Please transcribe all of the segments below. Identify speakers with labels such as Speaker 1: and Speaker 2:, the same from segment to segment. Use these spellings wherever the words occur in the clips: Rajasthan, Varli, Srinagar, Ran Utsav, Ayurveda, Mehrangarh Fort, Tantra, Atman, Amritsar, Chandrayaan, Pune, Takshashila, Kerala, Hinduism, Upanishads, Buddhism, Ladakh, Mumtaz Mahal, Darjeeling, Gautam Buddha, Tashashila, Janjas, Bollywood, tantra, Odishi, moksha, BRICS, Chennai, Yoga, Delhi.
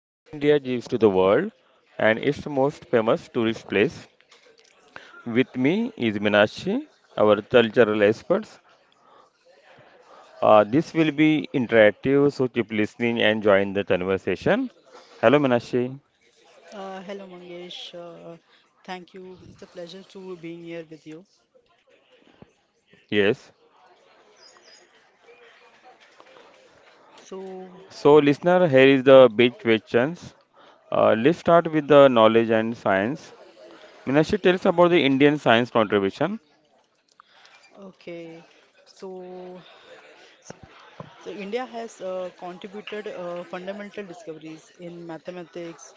Speaker 1: what India gives to the world and its most famous tourist place. With me is Minashi, our cultural experts. This will be interactive, so keep listening and join the conversation. Hello, Minashi.
Speaker 2: Hello Mangesh, thank you. It's a pleasure to being here with you.
Speaker 1: Yes.
Speaker 2: So,
Speaker 1: So, listener, here is the big questions. Let's start with the knowledge and science. Minashi, tell us about the Indian science contribution.
Speaker 2: okay, so so India has contributed fundamental discoveries in mathematics,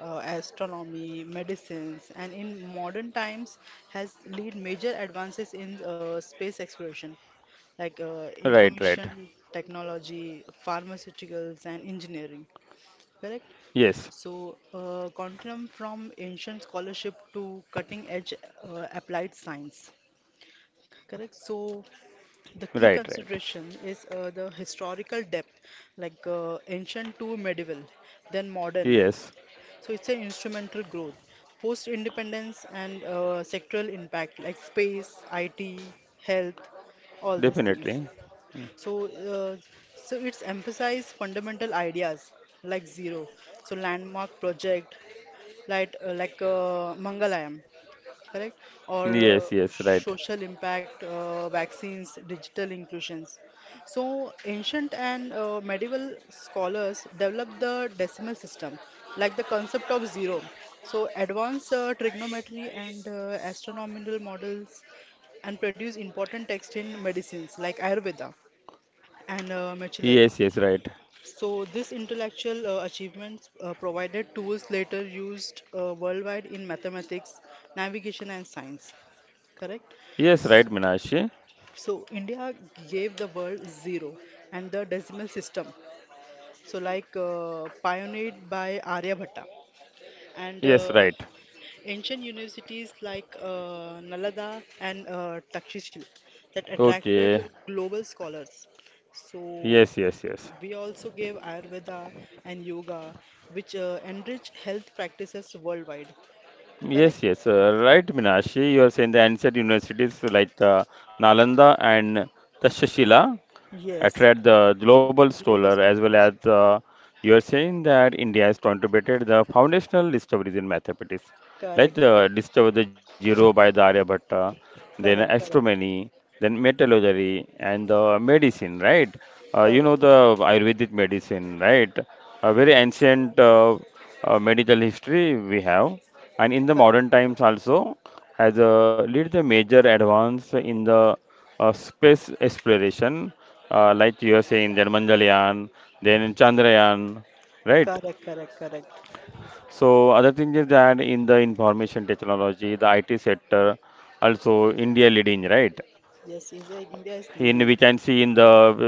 Speaker 2: astronomy, medicines, and in modern times has led major advances in space exploration, like
Speaker 1: Right, right.
Speaker 2: information technology, pharmaceuticals, and engineering. Correct?
Speaker 1: Yes.
Speaker 2: So, continuum from ancient scholarship to cutting edge applied science. Correct. So, the key
Speaker 1: Right, right.
Speaker 2: consideration is the historical depth, like ancient to medieval, then modern.
Speaker 1: Yes,
Speaker 2: So, it's an instrumental growth, post independence, and sectoral impact, like space, IT, health, all these things.
Speaker 1: definitely.
Speaker 2: So, uh, so it's emphasized fundamental ideas like zero, so landmark project, like Mangalayam, correct? Or
Speaker 1: Yes, yes, right.
Speaker 2: social impact vaccines, digital inclusions. So ancient and medieval scholars developed the decimal system, like the concept of zero. So advanced trigonometry and astronomical models and produce important text in medicines like Ayurveda and metallurgy.
Speaker 1: Yes, yes, right.
Speaker 2: So this intellectual achievements provided tools later used worldwide in mathematics, navigation and science. Correct?
Speaker 1: Yes, right, Minashi.
Speaker 2: So India gave the world zero and the decimal system. So like pioneered by Aryabhatta and
Speaker 1: Yes, right.
Speaker 2: ancient universities like Nalanda and Takshashila that
Speaker 1: Okay.
Speaker 2: attracted global scholars. So
Speaker 1: Yes, yes, yes.
Speaker 2: we also gave Ayurveda and yoga, which enrich health practices worldwide.
Speaker 1: Yes,
Speaker 2: Correct?
Speaker 1: yes, right, Minashi. You are saying the ancient universities like the Nalanda and Tashashila
Speaker 2: Yes,
Speaker 1: attract the global scholar
Speaker 2: global
Speaker 1: as well as
Speaker 2: scholars.
Speaker 1: you are saying that India has contributed the foundational discoveries in mathematics, like
Speaker 2: Correct,
Speaker 1: the
Speaker 2: correct,
Speaker 1: discover the zero by the Aryabhatta, then
Speaker 2: correct, correct,
Speaker 1: astronomy, then metallurgy and the medicine, right? You know
Speaker 2: correct.
Speaker 1: the Ayurvedic medicine, right? A very
Speaker 2: Yes,
Speaker 1: ancient medical history we have, and in the
Speaker 2: correct,
Speaker 1: modern times
Speaker 2: correct,
Speaker 1: also has led the major advance in the space exploration, like you are saying that Mangalyaan, then Chandrayaan, right?
Speaker 2: correct, correct, correct.
Speaker 1: So other thing is that in the information technology, the IT sector, also India leading, right?
Speaker 2: Yes, is India is
Speaker 1: In
Speaker 2: leading.
Speaker 1: we can see in the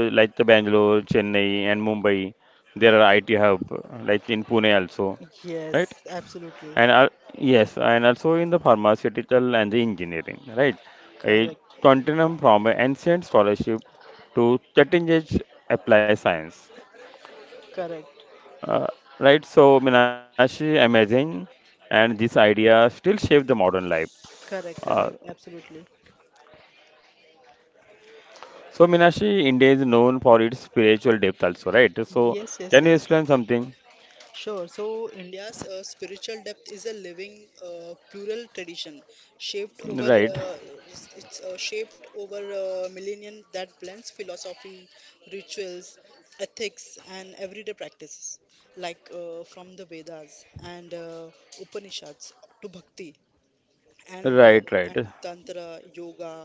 Speaker 1: like the Bangalore, Chennai, and Mumbai, there are IT hub like in Pune also, right?
Speaker 2: Yes, absolutely.
Speaker 1: And al- yes, and also in the pharmaceutical and the engineering, right? It
Speaker 2: Correct,
Speaker 1: continuum from a ancient scholarship to cutting edge applied science,
Speaker 2: correct.
Speaker 1: uh, right? So Minashi, amazing, and this idea still shape the modern life.
Speaker 2: Correct,
Speaker 1: Uh,
Speaker 2: correct, absolutely.
Speaker 1: so Minashi, India is known for its spiritual depth also, right? So
Speaker 2: Yes, yes,
Speaker 1: can you
Speaker 2: yes,
Speaker 1: explain
Speaker 2: yes.
Speaker 1: something?
Speaker 2: Sure. So, India's spiritual depth is a living, plural tradition shaped over
Speaker 1: Right,
Speaker 2: shaped over millennia that blends philosophy, rituals, ethics, and everyday practices, like from the Vedas and Upanishads to bhakti and
Speaker 1: right, right.
Speaker 2: uh, and tantra yoga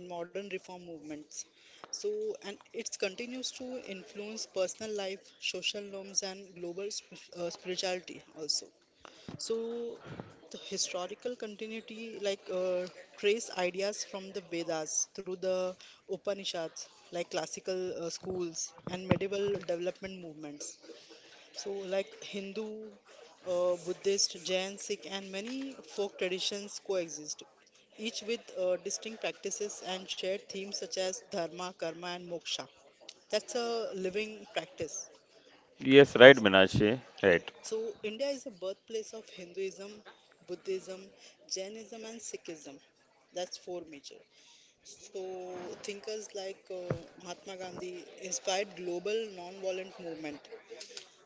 Speaker 2: and modern reform movements, so and it continues to influence personal life, social norms, and global spirituality also. So the historical continuity, like trace ideas from the Vedas through the Upanishads, like classical schools and medieval development movements. So, like Hindu, Buddhist, Jain, Sikh, and many folk traditions coexist, each with distinct practices and shared themes such as dharma, karma, and moksha. That's a living practice.
Speaker 1: Yes, right,
Speaker 2: Yes.
Speaker 1: Minashi, right.
Speaker 2: So, India is the birthplace of Hinduism, Buddhism, Jainism, and Sikhism. That's four major. So, thinkers like Mahatma Gandhi inspired global non-violent movement,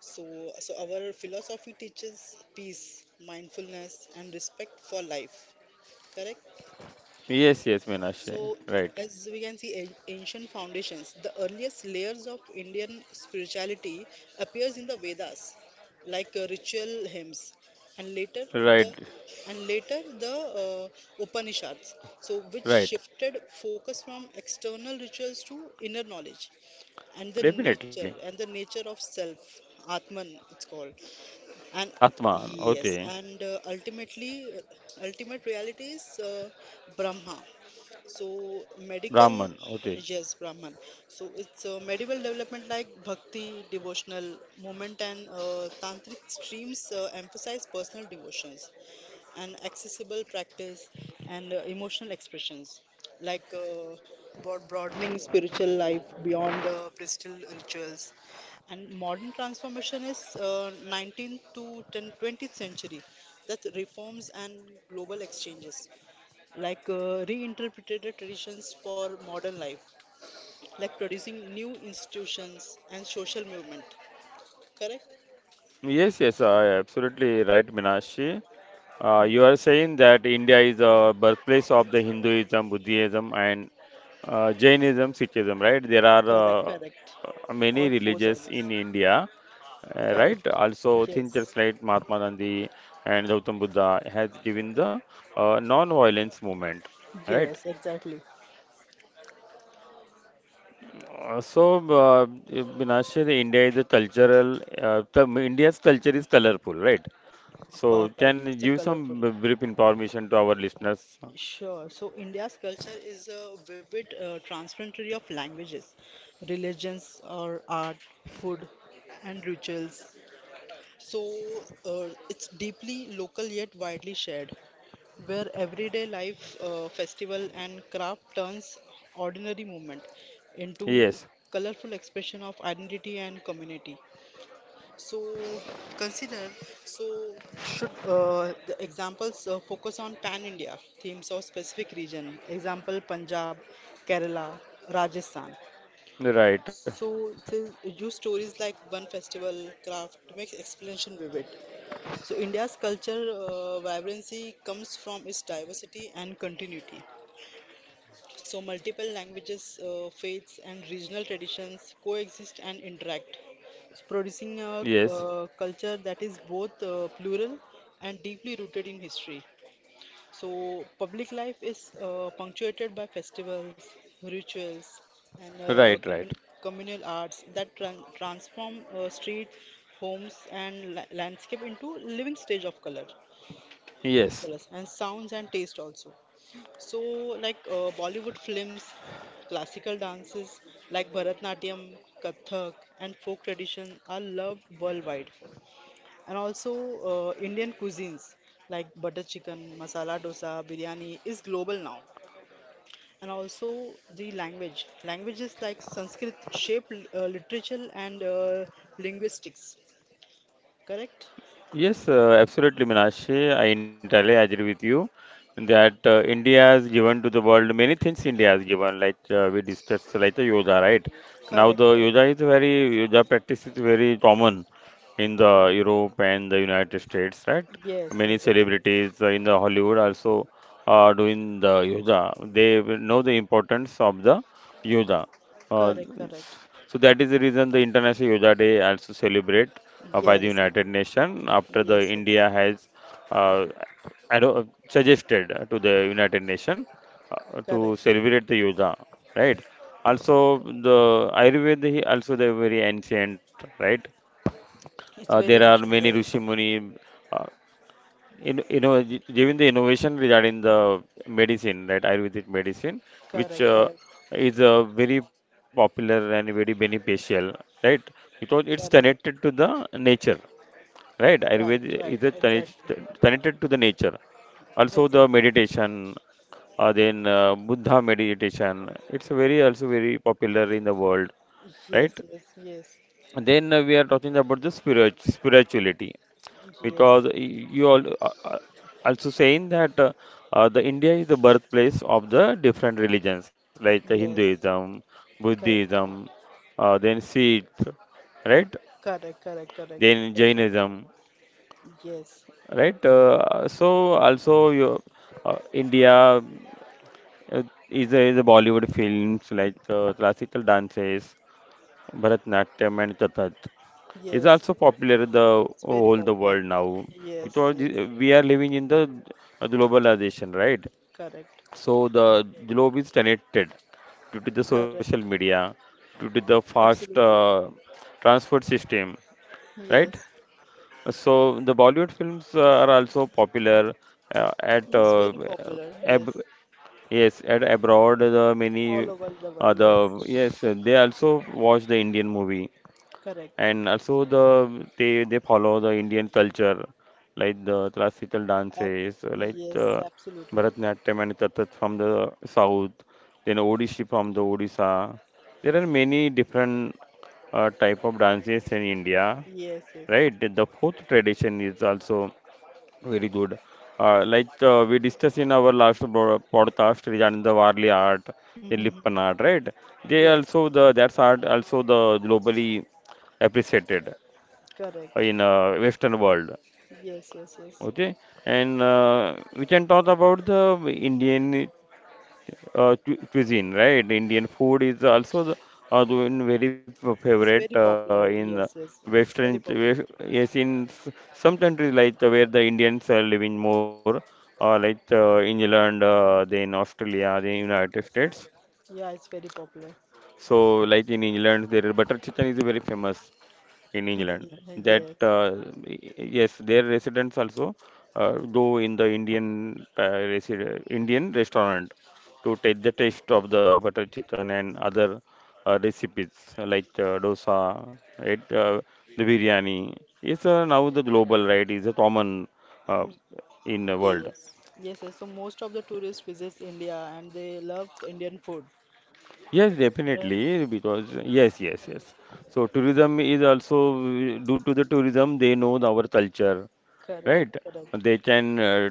Speaker 2: so, so our philosophy teaches peace, mindfulness, and respect for life. Correct.
Speaker 1: Yes, yes, Minashi,
Speaker 2: So,
Speaker 1: right,
Speaker 2: as we can see, ancient foundations. The earliest layers of Indian spirituality appears in the Vedas, like ritual hymns, and later
Speaker 1: right,
Speaker 2: the the Upanishads. So, which
Speaker 1: right.
Speaker 2: shifted focus from external rituals to inner knowledge and the
Speaker 1: Definitely.
Speaker 2: nature and the nature of self, Atman, it's called. And
Speaker 1: Atman, okay.
Speaker 2: yes, and ultimate reality is Brahma. So medical,
Speaker 1: Brahman, okay.
Speaker 2: yes, Brahman. So it's a medieval development, like bhakti, devotional movement, and tantric streams emphasize personal devotions and accessible practice and emotional expressions, like broadening spiritual life beyond priestly rituals. And modern transformation is 19th to 10, 20th century, that reforms and global exchanges, like reinterpreted traditions for modern life, like producing new institutions and social movement. Correct?
Speaker 1: Yes, yes, absolutely right, Minashi. You are saying that India is the birthplace of the Hinduism, Buddhism, and Jainism, Sikhism, right? There are
Speaker 2: Correct, correct.
Speaker 1: many
Speaker 2: All
Speaker 1: religions in
Speaker 2: four service.
Speaker 1: India, right?
Speaker 2: Correct.
Speaker 1: Also, thinkers like
Speaker 2: Yes.
Speaker 1: Mahatma Gandhi and Gautam Buddha has given the non-violence movement, right?
Speaker 2: Yes, exactly.
Speaker 1: Uh, so, uh, Binashe, India is a cultural, the- India's culture is colorful, right? So,
Speaker 2: Perfect.
Speaker 1: can you
Speaker 2: It's a
Speaker 1: give some
Speaker 2: colorful.
Speaker 1: brief information to our listeners?
Speaker 2: Sure. So India's culture is a vivid transfrontry of languages, religions, or art, food, and rituals. So it's deeply local yet widely shared, where everyday life, festival, and craft turns ordinary movement into
Speaker 1: Yes,
Speaker 2: colorful expression of identity and community. So consider so should the examples focus on pan-India themes or specific region. Example Punjab, Kerala, Rajasthan.
Speaker 1: right.
Speaker 2: So they use stories like one festival craft to make explanation vivid. So India's culture vibrancy comes from its diversity and continuity. So, multiple languages, faiths, and regional traditions coexist and interact, so producing a
Speaker 1: Yes,
Speaker 2: culture that is both plural and deeply rooted in history. So, public life is punctuated by festivals, rituals, and
Speaker 1: right, right.
Speaker 2: communal arts that transform street, homes, and landscape into living stage of color, colors,
Speaker 1: Yes,
Speaker 2: and sounds and taste also. So, like Bollywood films, classical dances like Bharatnatyam, Kathak, and folk tradition are loved worldwide. And also, Indian cuisines like butter chicken, masala dosa, biryani is global now. And also, the language. Languages like Sanskrit shape literature and linguistics. Correct?
Speaker 1: yes, absolutely, Minashi. I entirely agree with you that India has given to the world many things. India has given, like we discussed, like the yoga, right? Now
Speaker 2: Correct,
Speaker 1: the
Speaker 2: correct.
Speaker 1: yoga is very yoga practice is very common in the Europe and the United States, right?
Speaker 2: Yes,
Speaker 1: Many
Speaker 2: exactly.
Speaker 1: celebrities in the Hollywood also are doing the yoga. They will know the importance of the yoga. Uh,
Speaker 2: Correct, correct.
Speaker 1: so that is the reason the International Yoga Day also celebrate by the
Speaker 2: Yes,
Speaker 1: United
Speaker 2: Manoj.
Speaker 1: Nations after the
Speaker 2: Yes, yes.
Speaker 1: India has uh, suggested to the United Nations to
Speaker 2: Correct.
Speaker 1: celebrate the yoga, right? Also, the Ayurveda he also they very ancient, right?
Speaker 2: It's very
Speaker 1: There are
Speaker 2: ancient,
Speaker 1: many
Speaker 2: Raj.
Speaker 1: rishi muni. Uh, you know, given the innovation regarding the medicine, right, Ayurvedic medicine, which
Speaker 2: Correct, correct,
Speaker 1: is very popular and very beneficial, right? Because it's connected to
Speaker 2: correct.
Speaker 1: the nature. Right, Ayurveda
Speaker 2: Right,
Speaker 1: is a
Speaker 2: right, exactly,
Speaker 1: connected to the nature. Also, the
Speaker 2: exactly.
Speaker 1: meditation, then Buddha meditation. It's very also very popular in the world, right?
Speaker 2: Yes, yes, yes,
Speaker 1: And then we are talking about the spirituality because
Speaker 2: yes,
Speaker 1: you all also saying that the India is the birthplace of the different religions like the
Speaker 2: yes.
Speaker 1: Hinduism,
Speaker 2: Correct,
Speaker 1: Buddhism,
Speaker 2: correct,
Speaker 1: then Sikh, right?
Speaker 2: correct, correct, correct.
Speaker 1: Then
Speaker 2: That's what I-
Speaker 1: Jainism,
Speaker 2: yes,
Speaker 1: right? So also your uh, India uh, is a Bollywood films like classical dances, Bharatanatyam and Kathak is
Speaker 2: yes.
Speaker 1: also popular in the
Speaker 2: It's very
Speaker 1: all the
Speaker 2: popular.
Speaker 1: world now
Speaker 2: Yes,
Speaker 1: because
Speaker 2: yes.
Speaker 1: the we are living in the globalization, right?
Speaker 2: Correct,
Speaker 1: So the globe is connected due to the
Speaker 2: correct.
Speaker 1: social media, due to the fast
Speaker 2: Absolutely.
Speaker 1: transport system, right?
Speaker 2: Yes.
Speaker 1: So the Bollywood films are also popular at
Speaker 2: It's very popular.
Speaker 1: ab
Speaker 2: Yes.
Speaker 1: yes at abroad the many
Speaker 2: All over the world.
Speaker 1: the
Speaker 2: Yes.
Speaker 1: yes, they also watch the Indian movie,
Speaker 2: Correct.
Speaker 1: and also they follow the Indian culture like the classical
Speaker 2: Ab
Speaker 1: dances like
Speaker 2: yes, absolutely.
Speaker 1: Bharatanatyam and Kathak from the south, then Odishi from the Odisha. There are many different type of dances in India,
Speaker 2: Yes, yes.
Speaker 1: right? The fourth tradition is also very good. Like we discussed in our last podcast regarding the Varli art, the Lippan art, right? They
Speaker 2: Yes.
Speaker 1: also the that's art also the globally appreciated
Speaker 2: Correct.
Speaker 1: in Western world.
Speaker 2: Yes, yes, yes.
Speaker 1: Okay, and we can talk about the Indian cuisine, right? Indian food is also the, doing very
Speaker 2: It's
Speaker 1: favorite
Speaker 2: very
Speaker 1: in
Speaker 2: popular. Yes, yes. It's
Speaker 1: Western.
Speaker 2: very
Speaker 1: wes-
Speaker 2: popular.
Speaker 1: Yes, in s- some countries like where the Indians are living more, like England, then Australia, then United States.
Speaker 2: Yeah, it's very popular.
Speaker 1: So, like in England, their butter chicken is very famous in England. That
Speaker 2: Yes.
Speaker 1: yes, their residents also go in the Indian Indian restaurant to take the taste of the butter chicken and other recipes like dosa, right? The biryani. It's now the global right is a common uh, in the world.
Speaker 2: Yes. Yes, yes. So most of the tourists visits India and they love Indian food.
Speaker 1: Yes,
Speaker 2: Right?
Speaker 1: definitely, because yes, yes, yes. So tourism is also due to the tourism, they know our culture,
Speaker 2: Correct,
Speaker 1: right?
Speaker 2: correct.
Speaker 1: They can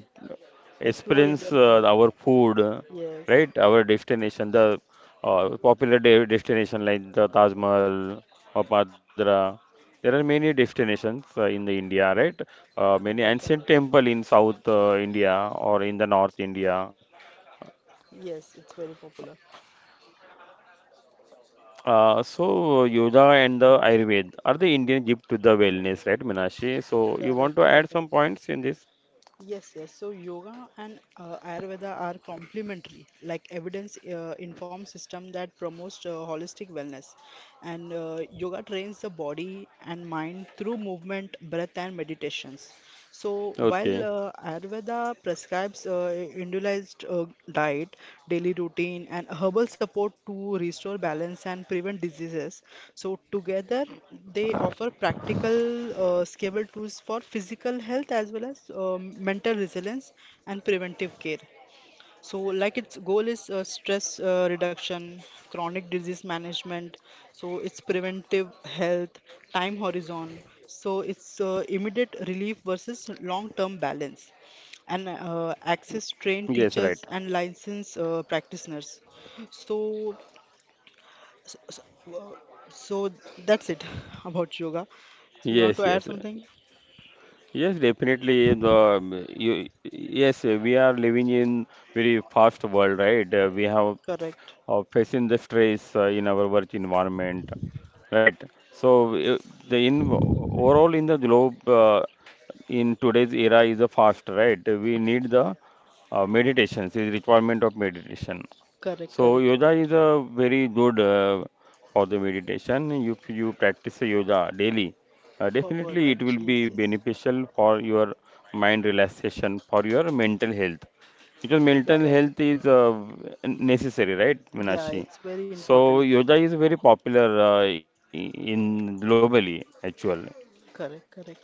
Speaker 2: Explore
Speaker 1: experience
Speaker 2: Indian food.
Speaker 1: our food,
Speaker 2: Yes.
Speaker 1: right? Our destination, the popular de destination like the Taj Mahal or Padra. There are many destinations in the India, right? Many
Speaker 2: Correct,
Speaker 1: ancient
Speaker 2: correct.
Speaker 1: temple in South India or in the North India.
Speaker 2: Yes, it's very popular.
Speaker 1: So yoga and the Ayurved are the Indian gift to the wellness, right, Minashi? So you want
Speaker 2: Correct,
Speaker 1: to
Speaker 2: correct,
Speaker 1: add some
Speaker 2: correct.
Speaker 1: points in this?
Speaker 2: Yes, yes. So yoga and Ayurveda are complementary, like evidence informed system that promotes holistic wellness. And yoga trains the body and mind through movement, breath, and meditations. So while
Speaker 1: Okay.
Speaker 2: Ayurveda prescribes individualized diet, daily routine, and herbal support to restore balance and prevent diseases. So, together, they offer practical, scalable tools for physical health as well as mental resilience and preventive care. So, like its goal is stress reduction, chronic disease management, so it's preventive health, time horizon, so it's immediate relief versus long-term balance, and access trained
Speaker 1: Yes, right.
Speaker 2: teachers and licensed practitioners. So, so, so uh, so that's it about yoga. So, you want
Speaker 1: Yes,
Speaker 2: to add
Speaker 1: yes.
Speaker 2: something?
Speaker 1: Yes, definitely. Yes, we are living in very fast world, right? We have
Speaker 2: Correct,
Speaker 1: facing the stress in our work environment, right? So the in overall in the globe in today's era is a fast, right? We need the meditations, is requirement of meditation.
Speaker 2: correct,
Speaker 1: So
Speaker 2: correct,
Speaker 1: yoga is
Speaker 2: correct.
Speaker 1: a very good for the meditation. If you practice yoga daily,
Speaker 2: Forward,
Speaker 1: definitely it will be
Speaker 2: yes, yes,
Speaker 1: beneficial for your mind relaxation, for your mental health. Because mental
Speaker 2: correct.
Speaker 1: health is necessary, right,
Speaker 2: Yeah,
Speaker 1: Minashi?
Speaker 2: it's very important.
Speaker 1: So yoga is very popular in globally actually.
Speaker 2: Correct, correct.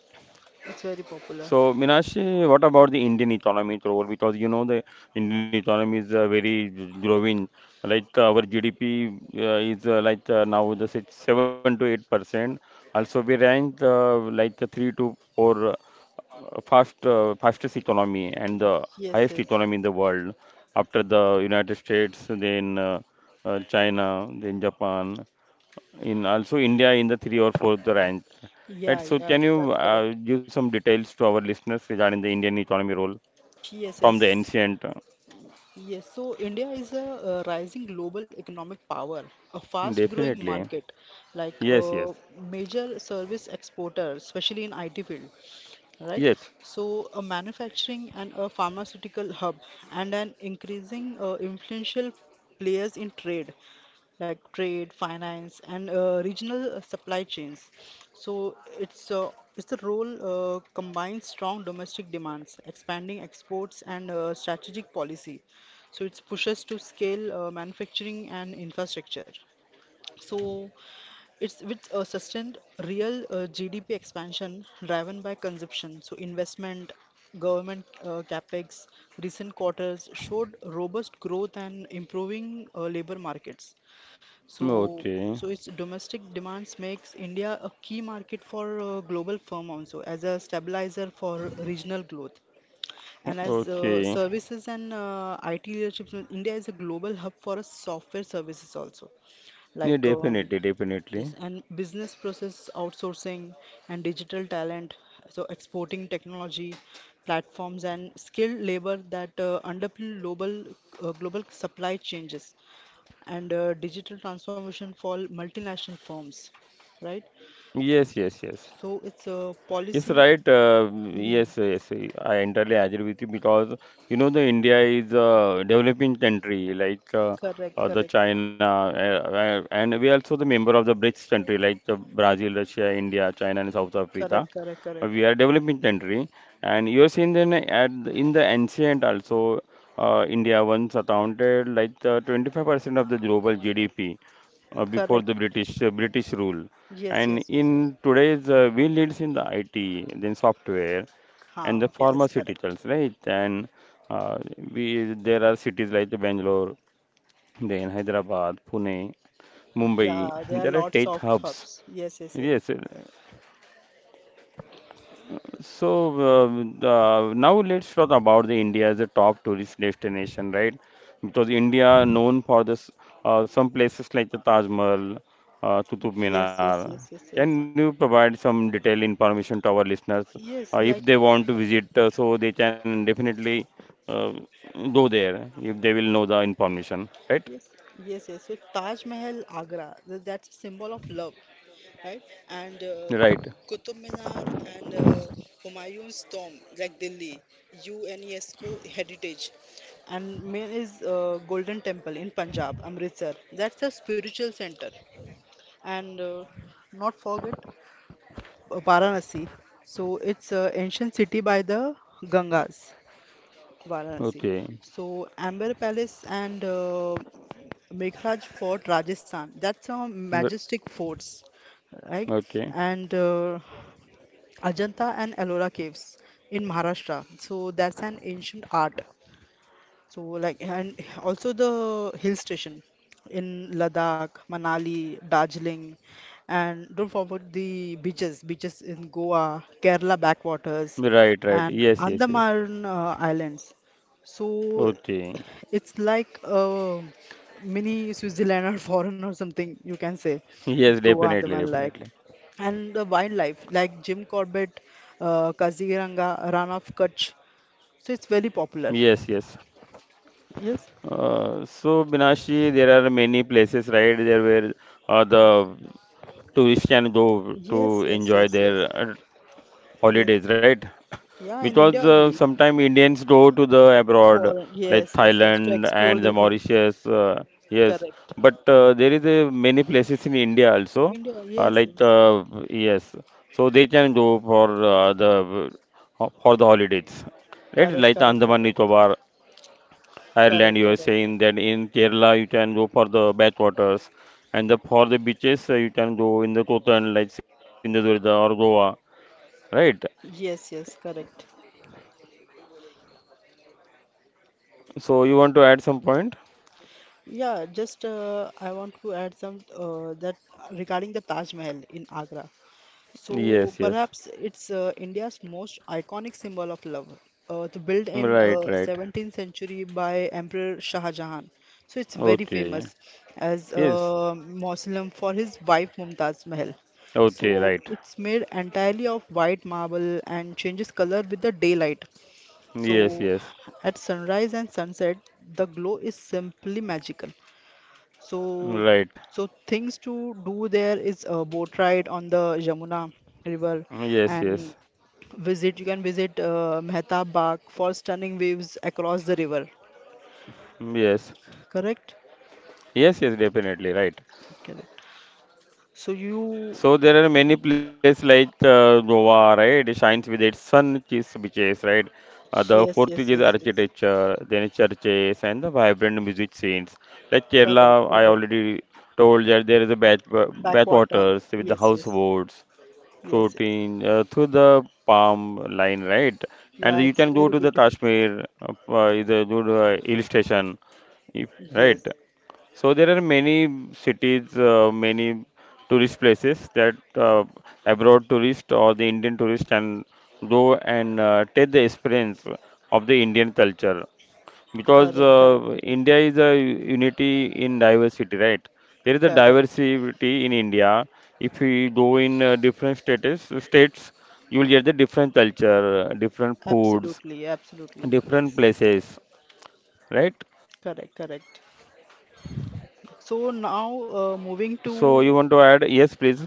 Speaker 2: It's very
Speaker 1: So,
Speaker 2: popular.
Speaker 1: Minashi, what about the Indian economy role? Because you know the Indian economy is very growing. Like our GDP is like 7 to 8%. Also, we rank like the three to four fastest economy and the
Speaker 2: Yes,
Speaker 1: highest
Speaker 2: yes.
Speaker 1: economy in the world after the United States, then China, then Japan. In also India in the three or fourth rank.
Speaker 2: Yeah,
Speaker 1: Right. So
Speaker 2: yeah,
Speaker 1: can you
Speaker 2: that's correct.
Speaker 1: give some details to our listeners regarding the Indian economy role
Speaker 2: Yes,
Speaker 1: from the
Speaker 2: yes.
Speaker 1: ancient? Uh,
Speaker 2: Yes, so India is a rising global economic power, a fast-growing
Speaker 1: definitely.
Speaker 2: market, like
Speaker 1: Yes,
Speaker 2: a
Speaker 1: yes.
Speaker 2: major service exporter, especially in IT field, right?
Speaker 1: Yes.
Speaker 2: So a manufacturing and a pharmaceutical hub and an increasing influential players in trade, like trade, finance, and regional supply chains. So it's the role combines strong domestic demands, expanding exports, and strategic policy. So it pushes to scale manufacturing and infrastructure. So it's with a sustained real GDP expansion driven by consumption. So investment, government capex, recent quarters showed robust growth and improving labor markets. So
Speaker 1: Okay.
Speaker 2: its domestic demands makes India a key market for global firm also as a stabilizer for regional growth and as
Speaker 1: Okay.
Speaker 2: services and IT leadership. So India is a global hub for software services also, like
Speaker 1: Yeah, definitely,
Speaker 2: yes,
Speaker 1: definitely.
Speaker 2: and business process outsourcing and digital talent. So exporting technology platforms and skilled labor that underpin global supply changes and digital transformation for multinational firms, right?
Speaker 1: Yes, yes, yes.
Speaker 2: So it's a
Speaker 1: Yes,
Speaker 2: policy.
Speaker 1: right.
Speaker 2: Hmm.
Speaker 1: Yes, yes, I entirely agree with you because you know the India is a developing country like
Speaker 2: Correct,
Speaker 1: the
Speaker 2: correct,
Speaker 1: China, and we also the member of the BRICS country like the Brazil, Russia, India, China, and South Africa.
Speaker 2: correct, correct, correct,
Speaker 1: We are developing country, and you are seeing then in the ancient also India once accounted like 25% of the global GDP uh, before
Speaker 2: correct.
Speaker 1: the British uh, British rule.
Speaker 2: Yes,
Speaker 1: And
Speaker 2: yes, yes,
Speaker 1: in
Speaker 2: yes.
Speaker 1: today's, we leads in the IT, then software, and the
Speaker 2: Huh, yes, correct.
Speaker 1: pharmaceuticals, right? And uh, we there are cities like the Bangalore, then Hyderabad, Pune, Mumbai.
Speaker 2: Yeah, there are
Speaker 1: There are
Speaker 2: lots
Speaker 1: tech
Speaker 2: of
Speaker 1: hubs.
Speaker 2: hubs. Yes, yes, yes.
Speaker 1: Yes. So uh, now let's talk about the India as a top tourist destination, right? Because India known for this some places like the Taj Mahal, Qutub
Speaker 2: Yes, yes, yes,
Speaker 1: Minar.
Speaker 2: yes, yes.
Speaker 1: Can you provide some detailed information to our listeners
Speaker 2: Yes, like
Speaker 1: if they want to visit, so they can definitely uh, go there if they will know the information, right?
Speaker 2: yes, yes, yes. So Taj Mahal, Agra, that's a symbol of love. Right? And
Speaker 1: Right.
Speaker 2: Qutub Minar and Humayun's tomb, like Delhi, UNESCO heritage. And main is Golden Temple in Punjab, Amritsar. That's a spiritual center. And not forget Varanasi. So it's an ancient city by the Gangas, Varanasi.
Speaker 1: Okay.
Speaker 2: So Amber Palace and Meghraj Fort, Rajasthan. That's a
Speaker 1: But-
Speaker 2: majestic forts, right?
Speaker 1: Okay.
Speaker 2: And Ajanta and Ellora caves in Maharashtra. So that's an ancient art, so like, and also the hill station in Ladakh, Manali, Darjeeling, and don't forget the beaches, beaches in Goa, Kerala backwaters,
Speaker 1: Right. Right.
Speaker 2: and
Speaker 1: Yes. Yes. Yes.
Speaker 2: Andaman Islands. So
Speaker 1: Okay.
Speaker 2: it's like a mini Switzerland or foreign or something you can say. It's
Speaker 1: Yes.
Speaker 2: Goa,
Speaker 1: Definitely.
Speaker 2: Andaman like
Speaker 1: Definitely.
Speaker 2: and the wildlife like Jim Corbett, Kaziranga, Rana of Kutch. So it's very popular.
Speaker 1: Yes, yes.
Speaker 2: Yes.
Speaker 1: So Binashi, there are many places, right, there where the tourists can go
Speaker 2: Yes,
Speaker 1: to
Speaker 2: yes,
Speaker 1: enjoy
Speaker 2: yes,
Speaker 1: their
Speaker 2: yes, yes.
Speaker 1: holidays, right?
Speaker 2: Yeah, in
Speaker 1: Because
Speaker 2: India only.
Speaker 1: sometimes Indians go to the abroad,
Speaker 2: For
Speaker 1: like
Speaker 2: yes, yes, yes. To
Speaker 1: Thailand and
Speaker 2: explore
Speaker 1: the
Speaker 2: the things.
Speaker 1: Mauritius. Yes,
Speaker 2: Correct.
Speaker 1: but there is a many places in India also,
Speaker 2: India.
Speaker 1: uh,
Speaker 2: Yes,
Speaker 1: like
Speaker 2: yes.
Speaker 1: uh, yes, so they can go for the for the holidays, right?
Speaker 2: Correct,
Speaker 1: Like the
Speaker 2: correct,
Speaker 1: Andaman
Speaker 2: correct,
Speaker 1: Nicobar Ireland,
Speaker 2: correct,
Speaker 1: you are
Speaker 2: correct.
Speaker 1: saying that in Kerala you can go for the backwaters, and the for the beaches you can go in the Kotan like Sindhudurga or Goa, right?
Speaker 2: Yes, yes, correct.
Speaker 1: So you want to add some point?
Speaker 2: Yeah, just I want to add some that regarding the Taj Mahal in Agra. So
Speaker 1: Yes, yes.
Speaker 2: perhaps it's India's most iconic symbol of love, the built in
Speaker 1: Right, right.
Speaker 2: 17th century by Emperor Shah Jahan. So it's very
Speaker 1: Okay.
Speaker 2: famous as
Speaker 1: Yes.
Speaker 2: a mausoleum for his wife Mumtaz Mahal.
Speaker 1: Okay,
Speaker 2: So
Speaker 1: right.
Speaker 2: it's made entirely of white marble and changes color with the daylight.
Speaker 1: Yes,
Speaker 2: So
Speaker 1: yes.
Speaker 2: at sunrise and sunset, the glow is simply magical. So,
Speaker 1: Right.
Speaker 2: so things to do there is a boat ride on the Jamuna River
Speaker 1: Yes,
Speaker 2: and
Speaker 1: yes.
Speaker 2: visit. You can visit Mehta Bagh for stunning views across the river.
Speaker 1: Yes.
Speaker 2: Correct?
Speaker 1: Yes, yes, definitely, right.
Speaker 2: Correct. So you,
Speaker 1: So there are many places like Goa, right? It shines with its sun-kissed beaches, right? The
Speaker 2: yes, yes,
Speaker 1: Portuguese
Speaker 2: yes, yes.
Speaker 1: architecture, then churches, and the vibrant music scenes. Like
Speaker 2: Correct,
Speaker 1: Kerala, I
Speaker 2: correct.
Speaker 1: already told that there is a bath
Speaker 2: Backwater.
Speaker 1: waters with the
Speaker 2: Yes, yes,
Speaker 1: houseboats
Speaker 2: yes, yes.
Speaker 1: floating through the palm line, right? And
Speaker 2: Yeah,
Speaker 1: you
Speaker 2: it's
Speaker 1: can go
Speaker 2: very
Speaker 1: to the
Speaker 2: beautiful.
Speaker 1: Kashmir, is a good hill station, if, right?
Speaker 2: Yes.
Speaker 1: So there are many cities, many tourist places that abroad tourist or the Indian tourist can go and take the experience of the Indian culture because
Speaker 2: Correct, correct, correct,
Speaker 1: India is a unity in diversity, right? There is a
Speaker 2: correct.
Speaker 1: diversity in India. If you go in different states, you will get the different culture, different foods,
Speaker 2: Absolutely, absolutely.
Speaker 1: different
Speaker 2: Yes.
Speaker 1: places, right?
Speaker 2: Correct, correct. So now
Speaker 1: So you
Speaker 2: moving
Speaker 1: want to add?
Speaker 2: to
Speaker 1: Yes, please.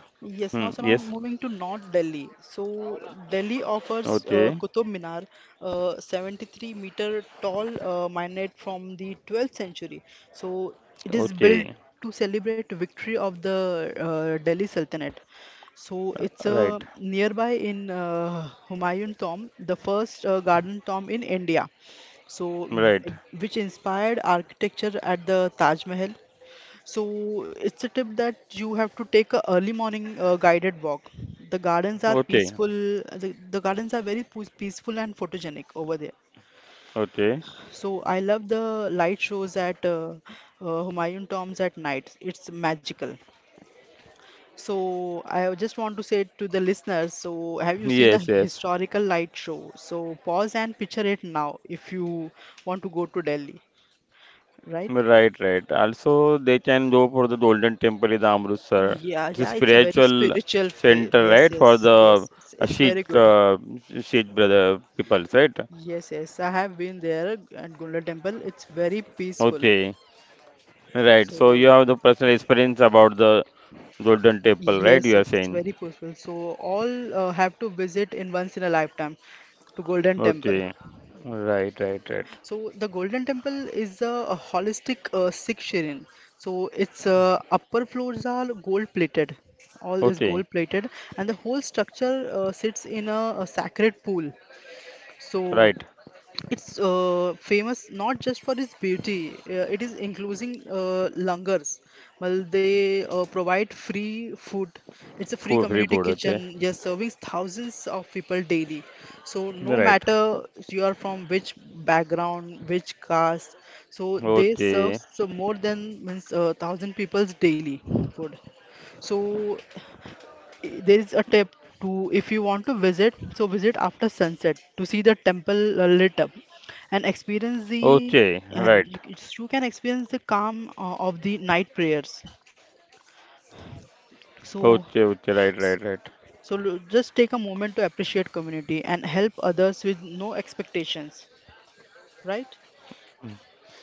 Speaker 1: Hmm,
Speaker 2: yes now
Speaker 1: yes.
Speaker 2: so now moving to North Delhi. So Delhi offers
Speaker 1: Okay.
Speaker 2: Qutub Minar, 73-meter tall minaret from the 12th century. So it is
Speaker 1: Okay.
Speaker 2: built to celebrate victory of the Delhi Sultanate. So it's
Speaker 1: Right.
Speaker 2: nearby in Humayun tomb, the first garden tomb in India. So, w-
Speaker 1: Right.
Speaker 2: which inspired architecture at the Taj Mahal. So it's a tip that you have to take a early morning guided walk. The gardens are
Speaker 1: Okay.
Speaker 2: peaceful. The gardens are very peaceful and photogenic over there.
Speaker 1: Okay.
Speaker 2: So I love the light shows at Humayun Tombs at night. It's magical. So I just want to say to the listeners, so have you seen a
Speaker 1: Yes. Yes.
Speaker 2: historical light show? So pause and picture it now if you want to go to Delhi, right?
Speaker 1: Right. Right. Also, they can go for the Golden Temple in Amritsar.
Speaker 2: Yeah,
Speaker 1: It's a
Speaker 2: yeah, it's a very
Speaker 1: spiritual
Speaker 2: spiritual fair.
Speaker 1: center,
Speaker 2: Yes,
Speaker 1: right, for
Speaker 2: yes,
Speaker 1: the
Speaker 2: yes, yes. It's very
Speaker 1: Sikh,
Speaker 2: good.
Speaker 1: Sikh brother peoples, right?
Speaker 2: Yes, yes. I have been there at Gunda Temple. It's very peaceful.
Speaker 1: Okay. Right. So you
Speaker 2: So,
Speaker 1: have the personal experience about the Golden Temple, right?
Speaker 2: yes,
Speaker 1: You are
Speaker 2: yes, it's
Speaker 1: saying.
Speaker 2: very peaceful. So, all have to visit in once in a lifetime to Golden Temple.
Speaker 1: Okay. Right. Right. Right.
Speaker 2: So, the Golden Temple is a holistic Sikh shrine. So, its upper floors are gold plated. All is
Speaker 1: Okay.
Speaker 2: gold plated, and the whole structure sits in a sacred pool. So
Speaker 1: Right.
Speaker 2: it's famous not just for its beauty, it is including langars. Well, they provide free food. It's a free
Speaker 1: Food, free
Speaker 2: community
Speaker 1: food. Okay.
Speaker 2: kitchen, just serving thousands of people daily. So, no
Speaker 1: Right.
Speaker 2: matter you are from which background, which caste, so they serve
Speaker 1: Okay.
Speaker 2: so more than means thousand people's daily food. So
Speaker 1: Okay, right. Okay, okay, right, right, right.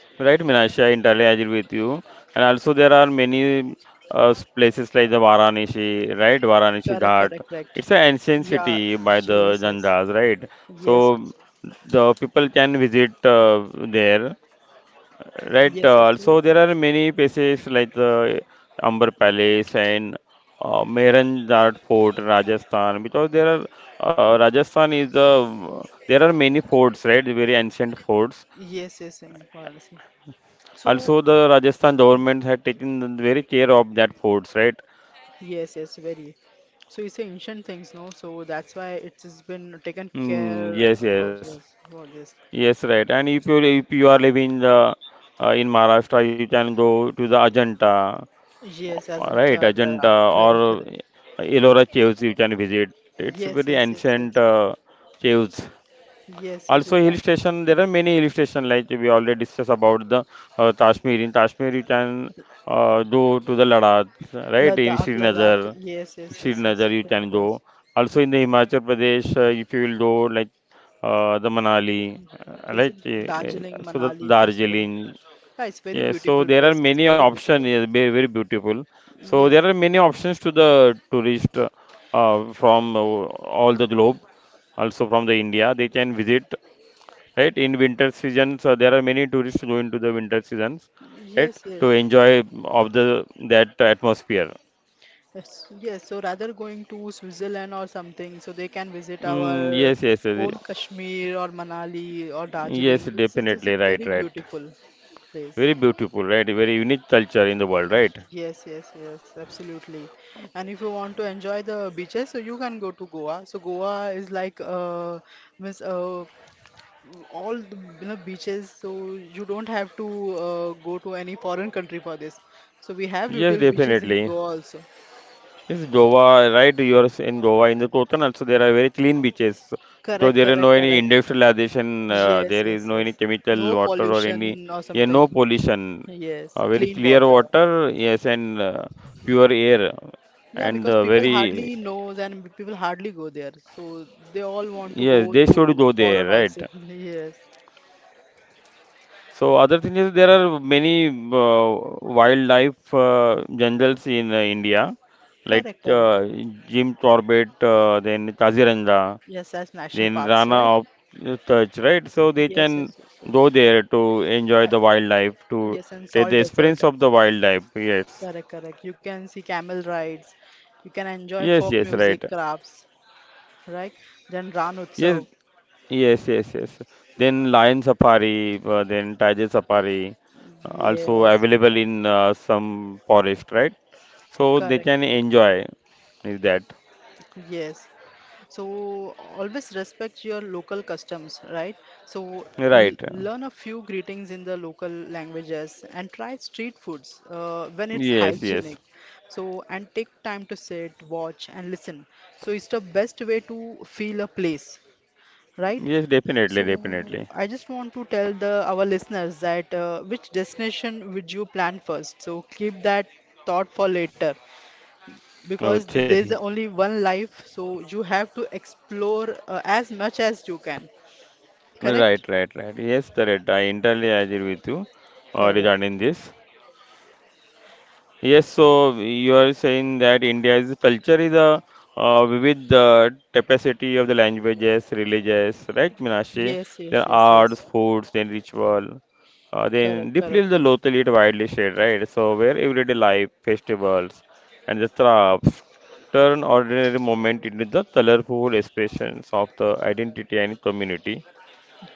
Speaker 1: Right, Minasha, I entirely agree with you. And also, there are many places like the Varanasi, right? Varanasi Ghat. It's an ancient city by the Janjas, right? So the people can visit there. Right. Also, there are many places like the Amber Palace and Mehrangarh Fort, Rajasthan. Because there are Rajasthan is the there are many forts, right? Very ancient forts. Also, the Rajasthan government had taken very care of that forts, right?
Speaker 2: yes, yes, very. So it's a ancient things, no? So that's why it has been taken
Speaker 1: Mm,
Speaker 2: care
Speaker 1: yes, yes,
Speaker 2: of. Yes, oh, yes,
Speaker 1: yes, right. And if you are living in Maharashtra, you can go to the Ajanta.
Speaker 2: yes, as in
Speaker 1: Right, Ajanta or
Speaker 2: Correct, correct.
Speaker 1: Ellora caves you can visit. It's
Speaker 2: Yes,
Speaker 1: very
Speaker 2: yes, yes,
Speaker 1: ancient
Speaker 2: yes,
Speaker 1: caves.
Speaker 2: yes, yes. You
Speaker 1: Also, hill
Speaker 2: can.
Speaker 1: station. There are many hill station like we already discussed about the Kashmir. In Kashmir, you can go to the Ladakh, right? In
Speaker 2: Ladakh, Ladakh.
Speaker 1: Srinagar,
Speaker 2: Yes, yes, yes, yes.
Speaker 1: Srinagar you can go.
Speaker 2: Srinagar.
Speaker 1: Also in the Himachal Pradesh, if you will go like the Manali,
Speaker 2: Yes, in Darjeeling,
Speaker 1: so the
Speaker 2: Manali,
Speaker 1: Darjeeling.
Speaker 2: Kasol. Yeah, it's very
Speaker 1: Yes, so
Speaker 2: beautiful
Speaker 1: there are
Speaker 2: place. It's
Speaker 1: many
Speaker 2: very beautiful.
Speaker 1: options. Yes, very, very beautiful. So
Speaker 2: Yes,
Speaker 1: there are many options to the tourist from all the globe, also from the India. They can visit, right? In winter seasons, there are many tourists go into the winter seasons, right?
Speaker 2: yes,
Speaker 1: To
Speaker 2: yes.
Speaker 1: enjoy of the that atmosphere.
Speaker 2: Yes, yes. So rather going to Switzerland or something, so they can visit
Speaker 1: Mm,
Speaker 2: our
Speaker 1: yes, yes, yes,
Speaker 2: own Kashmir or Manali or
Speaker 1: yes,
Speaker 2: Darjeeling. It's a
Speaker 1: definitely. Right,
Speaker 2: very
Speaker 1: right.
Speaker 2: beautiful place.
Speaker 1: Very beautiful, right? Very unique culture in the world, right?
Speaker 2: Yes, yes, yes, absolutely. And if you want to enjoy the beaches, so you can go to Goa. So Goa is like means all the you know beaches. So you don't have to go to any foreign country for this. So we have
Speaker 1: Yes,
Speaker 2: beautiful beaches in
Speaker 1: definitely.
Speaker 2: Goa also.
Speaker 1: Yes, Goa, right? You are in Goa. In the Kotan also, there are very clean beaches. So
Speaker 2: Correct,
Speaker 1: there is
Speaker 2: correct,
Speaker 1: no any
Speaker 2: correct.
Speaker 1: industrialization.
Speaker 2: Yes,
Speaker 1: There is
Speaker 2: yes,
Speaker 1: no any
Speaker 2: yes.
Speaker 1: chemical
Speaker 2: No
Speaker 1: water or any,
Speaker 2: pollution or
Speaker 1: yeah,
Speaker 2: something.
Speaker 1: no pollution.
Speaker 2: Yes,
Speaker 1: Very
Speaker 2: clean
Speaker 1: clear
Speaker 2: water.
Speaker 1: water, yes, and pure air,
Speaker 2: Yeah,
Speaker 1: and
Speaker 2: because people
Speaker 1: very
Speaker 2: hardly knows and people hardly go there. So they all want to
Speaker 1: yes,
Speaker 2: go
Speaker 1: they should
Speaker 2: to
Speaker 1: go
Speaker 2: foreign
Speaker 1: there, right?
Speaker 2: also. Yes.
Speaker 1: So other thing is there are many wildlife jungles in India, like
Speaker 2: Correct, correct, correct.
Speaker 1: Jim Corbett, then Kaziranga.
Speaker 2: Yes, as national
Speaker 1: Then
Speaker 2: parks, right?
Speaker 1: Rana of touch, right? So they
Speaker 2: Yes,
Speaker 1: can
Speaker 2: yes, yes, yes.
Speaker 1: go there to enjoy
Speaker 2: Uh,
Speaker 1: the wildlife, to
Speaker 2: yes, and
Speaker 1: take
Speaker 2: salt
Speaker 1: the
Speaker 2: desert.
Speaker 1: experience of the wildlife. Yes,
Speaker 2: Correct, correct. You can see camel rides. You can enjoy
Speaker 1: yes,
Speaker 2: folk
Speaker 1: yes, right.
Speaker 2: music crafts, right? Then Ran
Speaker 1: Yes,
Speaker 2: Utsav.
Speaker 1: yes, yes, yes. Then lion safari, then tiger safari, also
Speaker 2: Yes, you
Speaker 1: available
Speaker 2: can.
Speaker 1: in some forest, right? So they
Speaker 2: Correct,
Speaker 1: can
Speaker 2: correct.
Speaker 1: enjoy. Is that
Speaker 2: Yes. So always respect your local customs, right? So
Speaker 1: right?
Speaker 2: learn a few greetings in the local languages and try street foods when it's
Speaker 1: Yes,
Speaker 2: hygienic.
Speaker 1: yes,
Speaker 2: So and take time to sit, watch, and listen. So it's the best way to feel a place, right?
Speaker 1: yes, definitely,
Speaker 2: So
Speaker 1: definitely.
Speaker 2: I just want to tell the our listeners that which destination would you plan first? So keep that thought for later because there's
Speaker 1: Okay.
Speaker 2: only one life, so you have to explore as much as you can.
Speaker 1: Right,
Speaker 2: Correct?
Speaker 1: right, right. Yes, correct. I entirely agree with you
Speaker 2: Correct.
Speaker 1: regarding this. Yes, so you are saying that India's culture is a vivid tapestry of the languages, religions, right, Minashi?
Speaker 2: Yes, yes,
Speaker 1: Then
Speaker 2: yes,
Speaker 1: arts,
Speaker 2: yes.
Speaker 1: foods, then ritual,
Speaker 2: Correct,
Speaker 1: then deeply
Speaker 2: correct,
Speaker 1: the
Speaker 2: correct.
Speaker 1: local it widely shared, right? So where everyday life, festivals, and the crafts turn ordinary moment into the colorful expressions of the identity and community,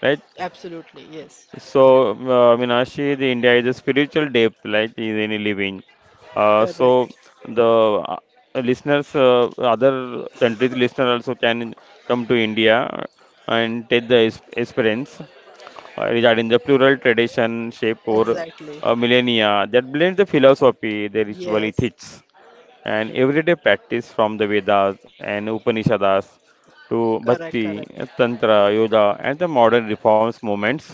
Speaker 1: right?
Speaker 2: Absolutely, yes.
Speaker 1: So, Meenakshi, the India is a spiritual depth, like is any living. So
Speaker 2: Correct.
Speaker 1: the uh, listeners, other countries' listener also can come to India and take the experience regarding the plural tradition shape over
Speaker 2: Exactly.
Speaker 1: millennia that blends the philosophy, the ritual
Speaker 2: Yes.
Speaker 1: ethics, and everyday practice from the Vedas and Upanishads to
Speaker 2: Correct,
Speaker 1: Bhakti,
Speaker 2: correct.
Speaker 1: Tantra, Yoga, and the modern reforms movements,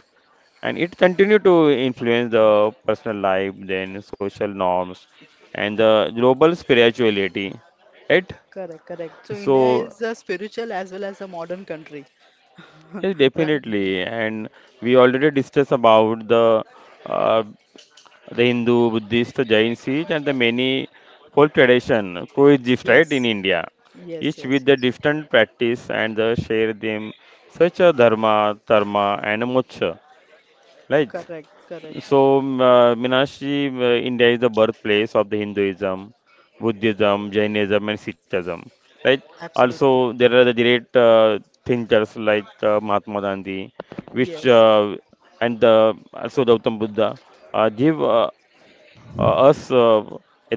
Speaker 1: and it continue to influence the personal life, then social norms and the global spirituality, right?
Speaker 2: Correct, correct. So India
Speaker 1: So
Speaker 2: is a spiritual as well as a modern country.
Speaker 1: yes,
Speaker 2: Right?
Speaker 1: definitely, and we already discussed about uh, the Hindu, Buddhist, the Jain, Sikh, and the many folk tradition coexist, right,
Speaker 2: Yes.
Speaker 1: in India,
Speaker 2: Yes,
Speaker 1: each
Speaker 2: yes,
Speaker 1: with the
Speaker 2: yes.
Speaker 1: different practice and the share them, such a dharma and moksha, right?
Speaker 2: Correct, correct.
Speaker 1: So, Meenakshi, India is the birthplace of the Hinduism, Buddhism, Jainism, and Sikhism. Right? Also,
Speaker 2: Absolutely.
Speaker 1: there are the great thinkers like Mahatma Gandhi, which
Speaker 2: Yes.
Speaker 1: and also Gautam Buddha give us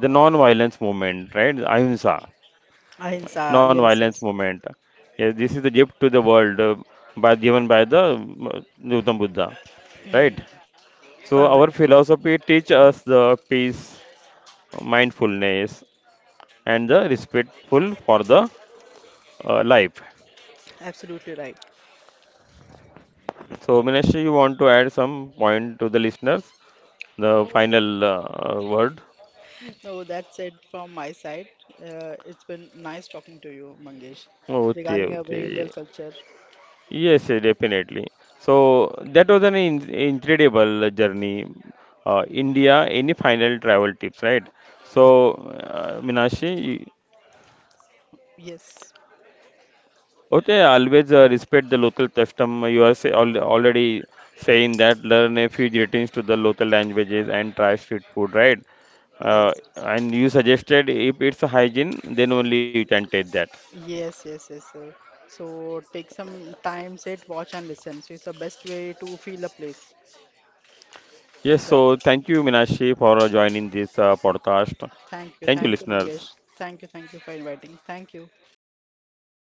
Speaker 1: the non-violence movement, right? Ahimsa,
Speaker 2: Ahimsa. Yes,
Speaker 1: non-violence
Speaker 2: yes.
Speaker 1: movement. Yes, this is the gift to the world by given by the Gautam Buddha,
Speaker 2: Mm.
Speaker 1: right? So our
Speaker 2: Correct.
Speaker 1: philosophy teach us the peace, mindfulness, and the respectful for the life.
Speaker 2: Absolutely right.
Speaker 1: So Minash, you want to add some point to the listeners? The
Speaker 2: No,
Speaker 1: final word.
Speaker 2: no, that's it from my side. It's been nice talking to you, Mangesh,
Speaker 1: Okay,
Speaker 2: regarding our Indian
Speaker 1: okay.
Speaker 2: culture.
Speaker 1: Yes, yes, definitely. So that was an in incredible journey. India, any final travel tips, right? So, Minashi,
Speaker 2: Yes,
Speaker 1: okay, always respect the local custom. You are say, al already saying that learn a few greetings to the local languages and try street food, right?
Speaker 2: yes,
Speaker 1: And you suggested if it's a hygiene, then only you can take that.
Speaker 2: yes, yes, yes, sir. So take some time, sit, watch, and listen. So it's the best way to feel a place.
Speaker 1: Yes,
Speaker 2: So
Speaker 1: so
Speaker 2: that's it.
Speaker 1: thank you, Minashi, for joining this podcast. Thank you,
Speaker 2: Thank you, Mangesh.
Speaker 1: listeners.
Speaker 2: Thank you for inviting. Thank you. Have a great day.
Speaker 1: Thank you.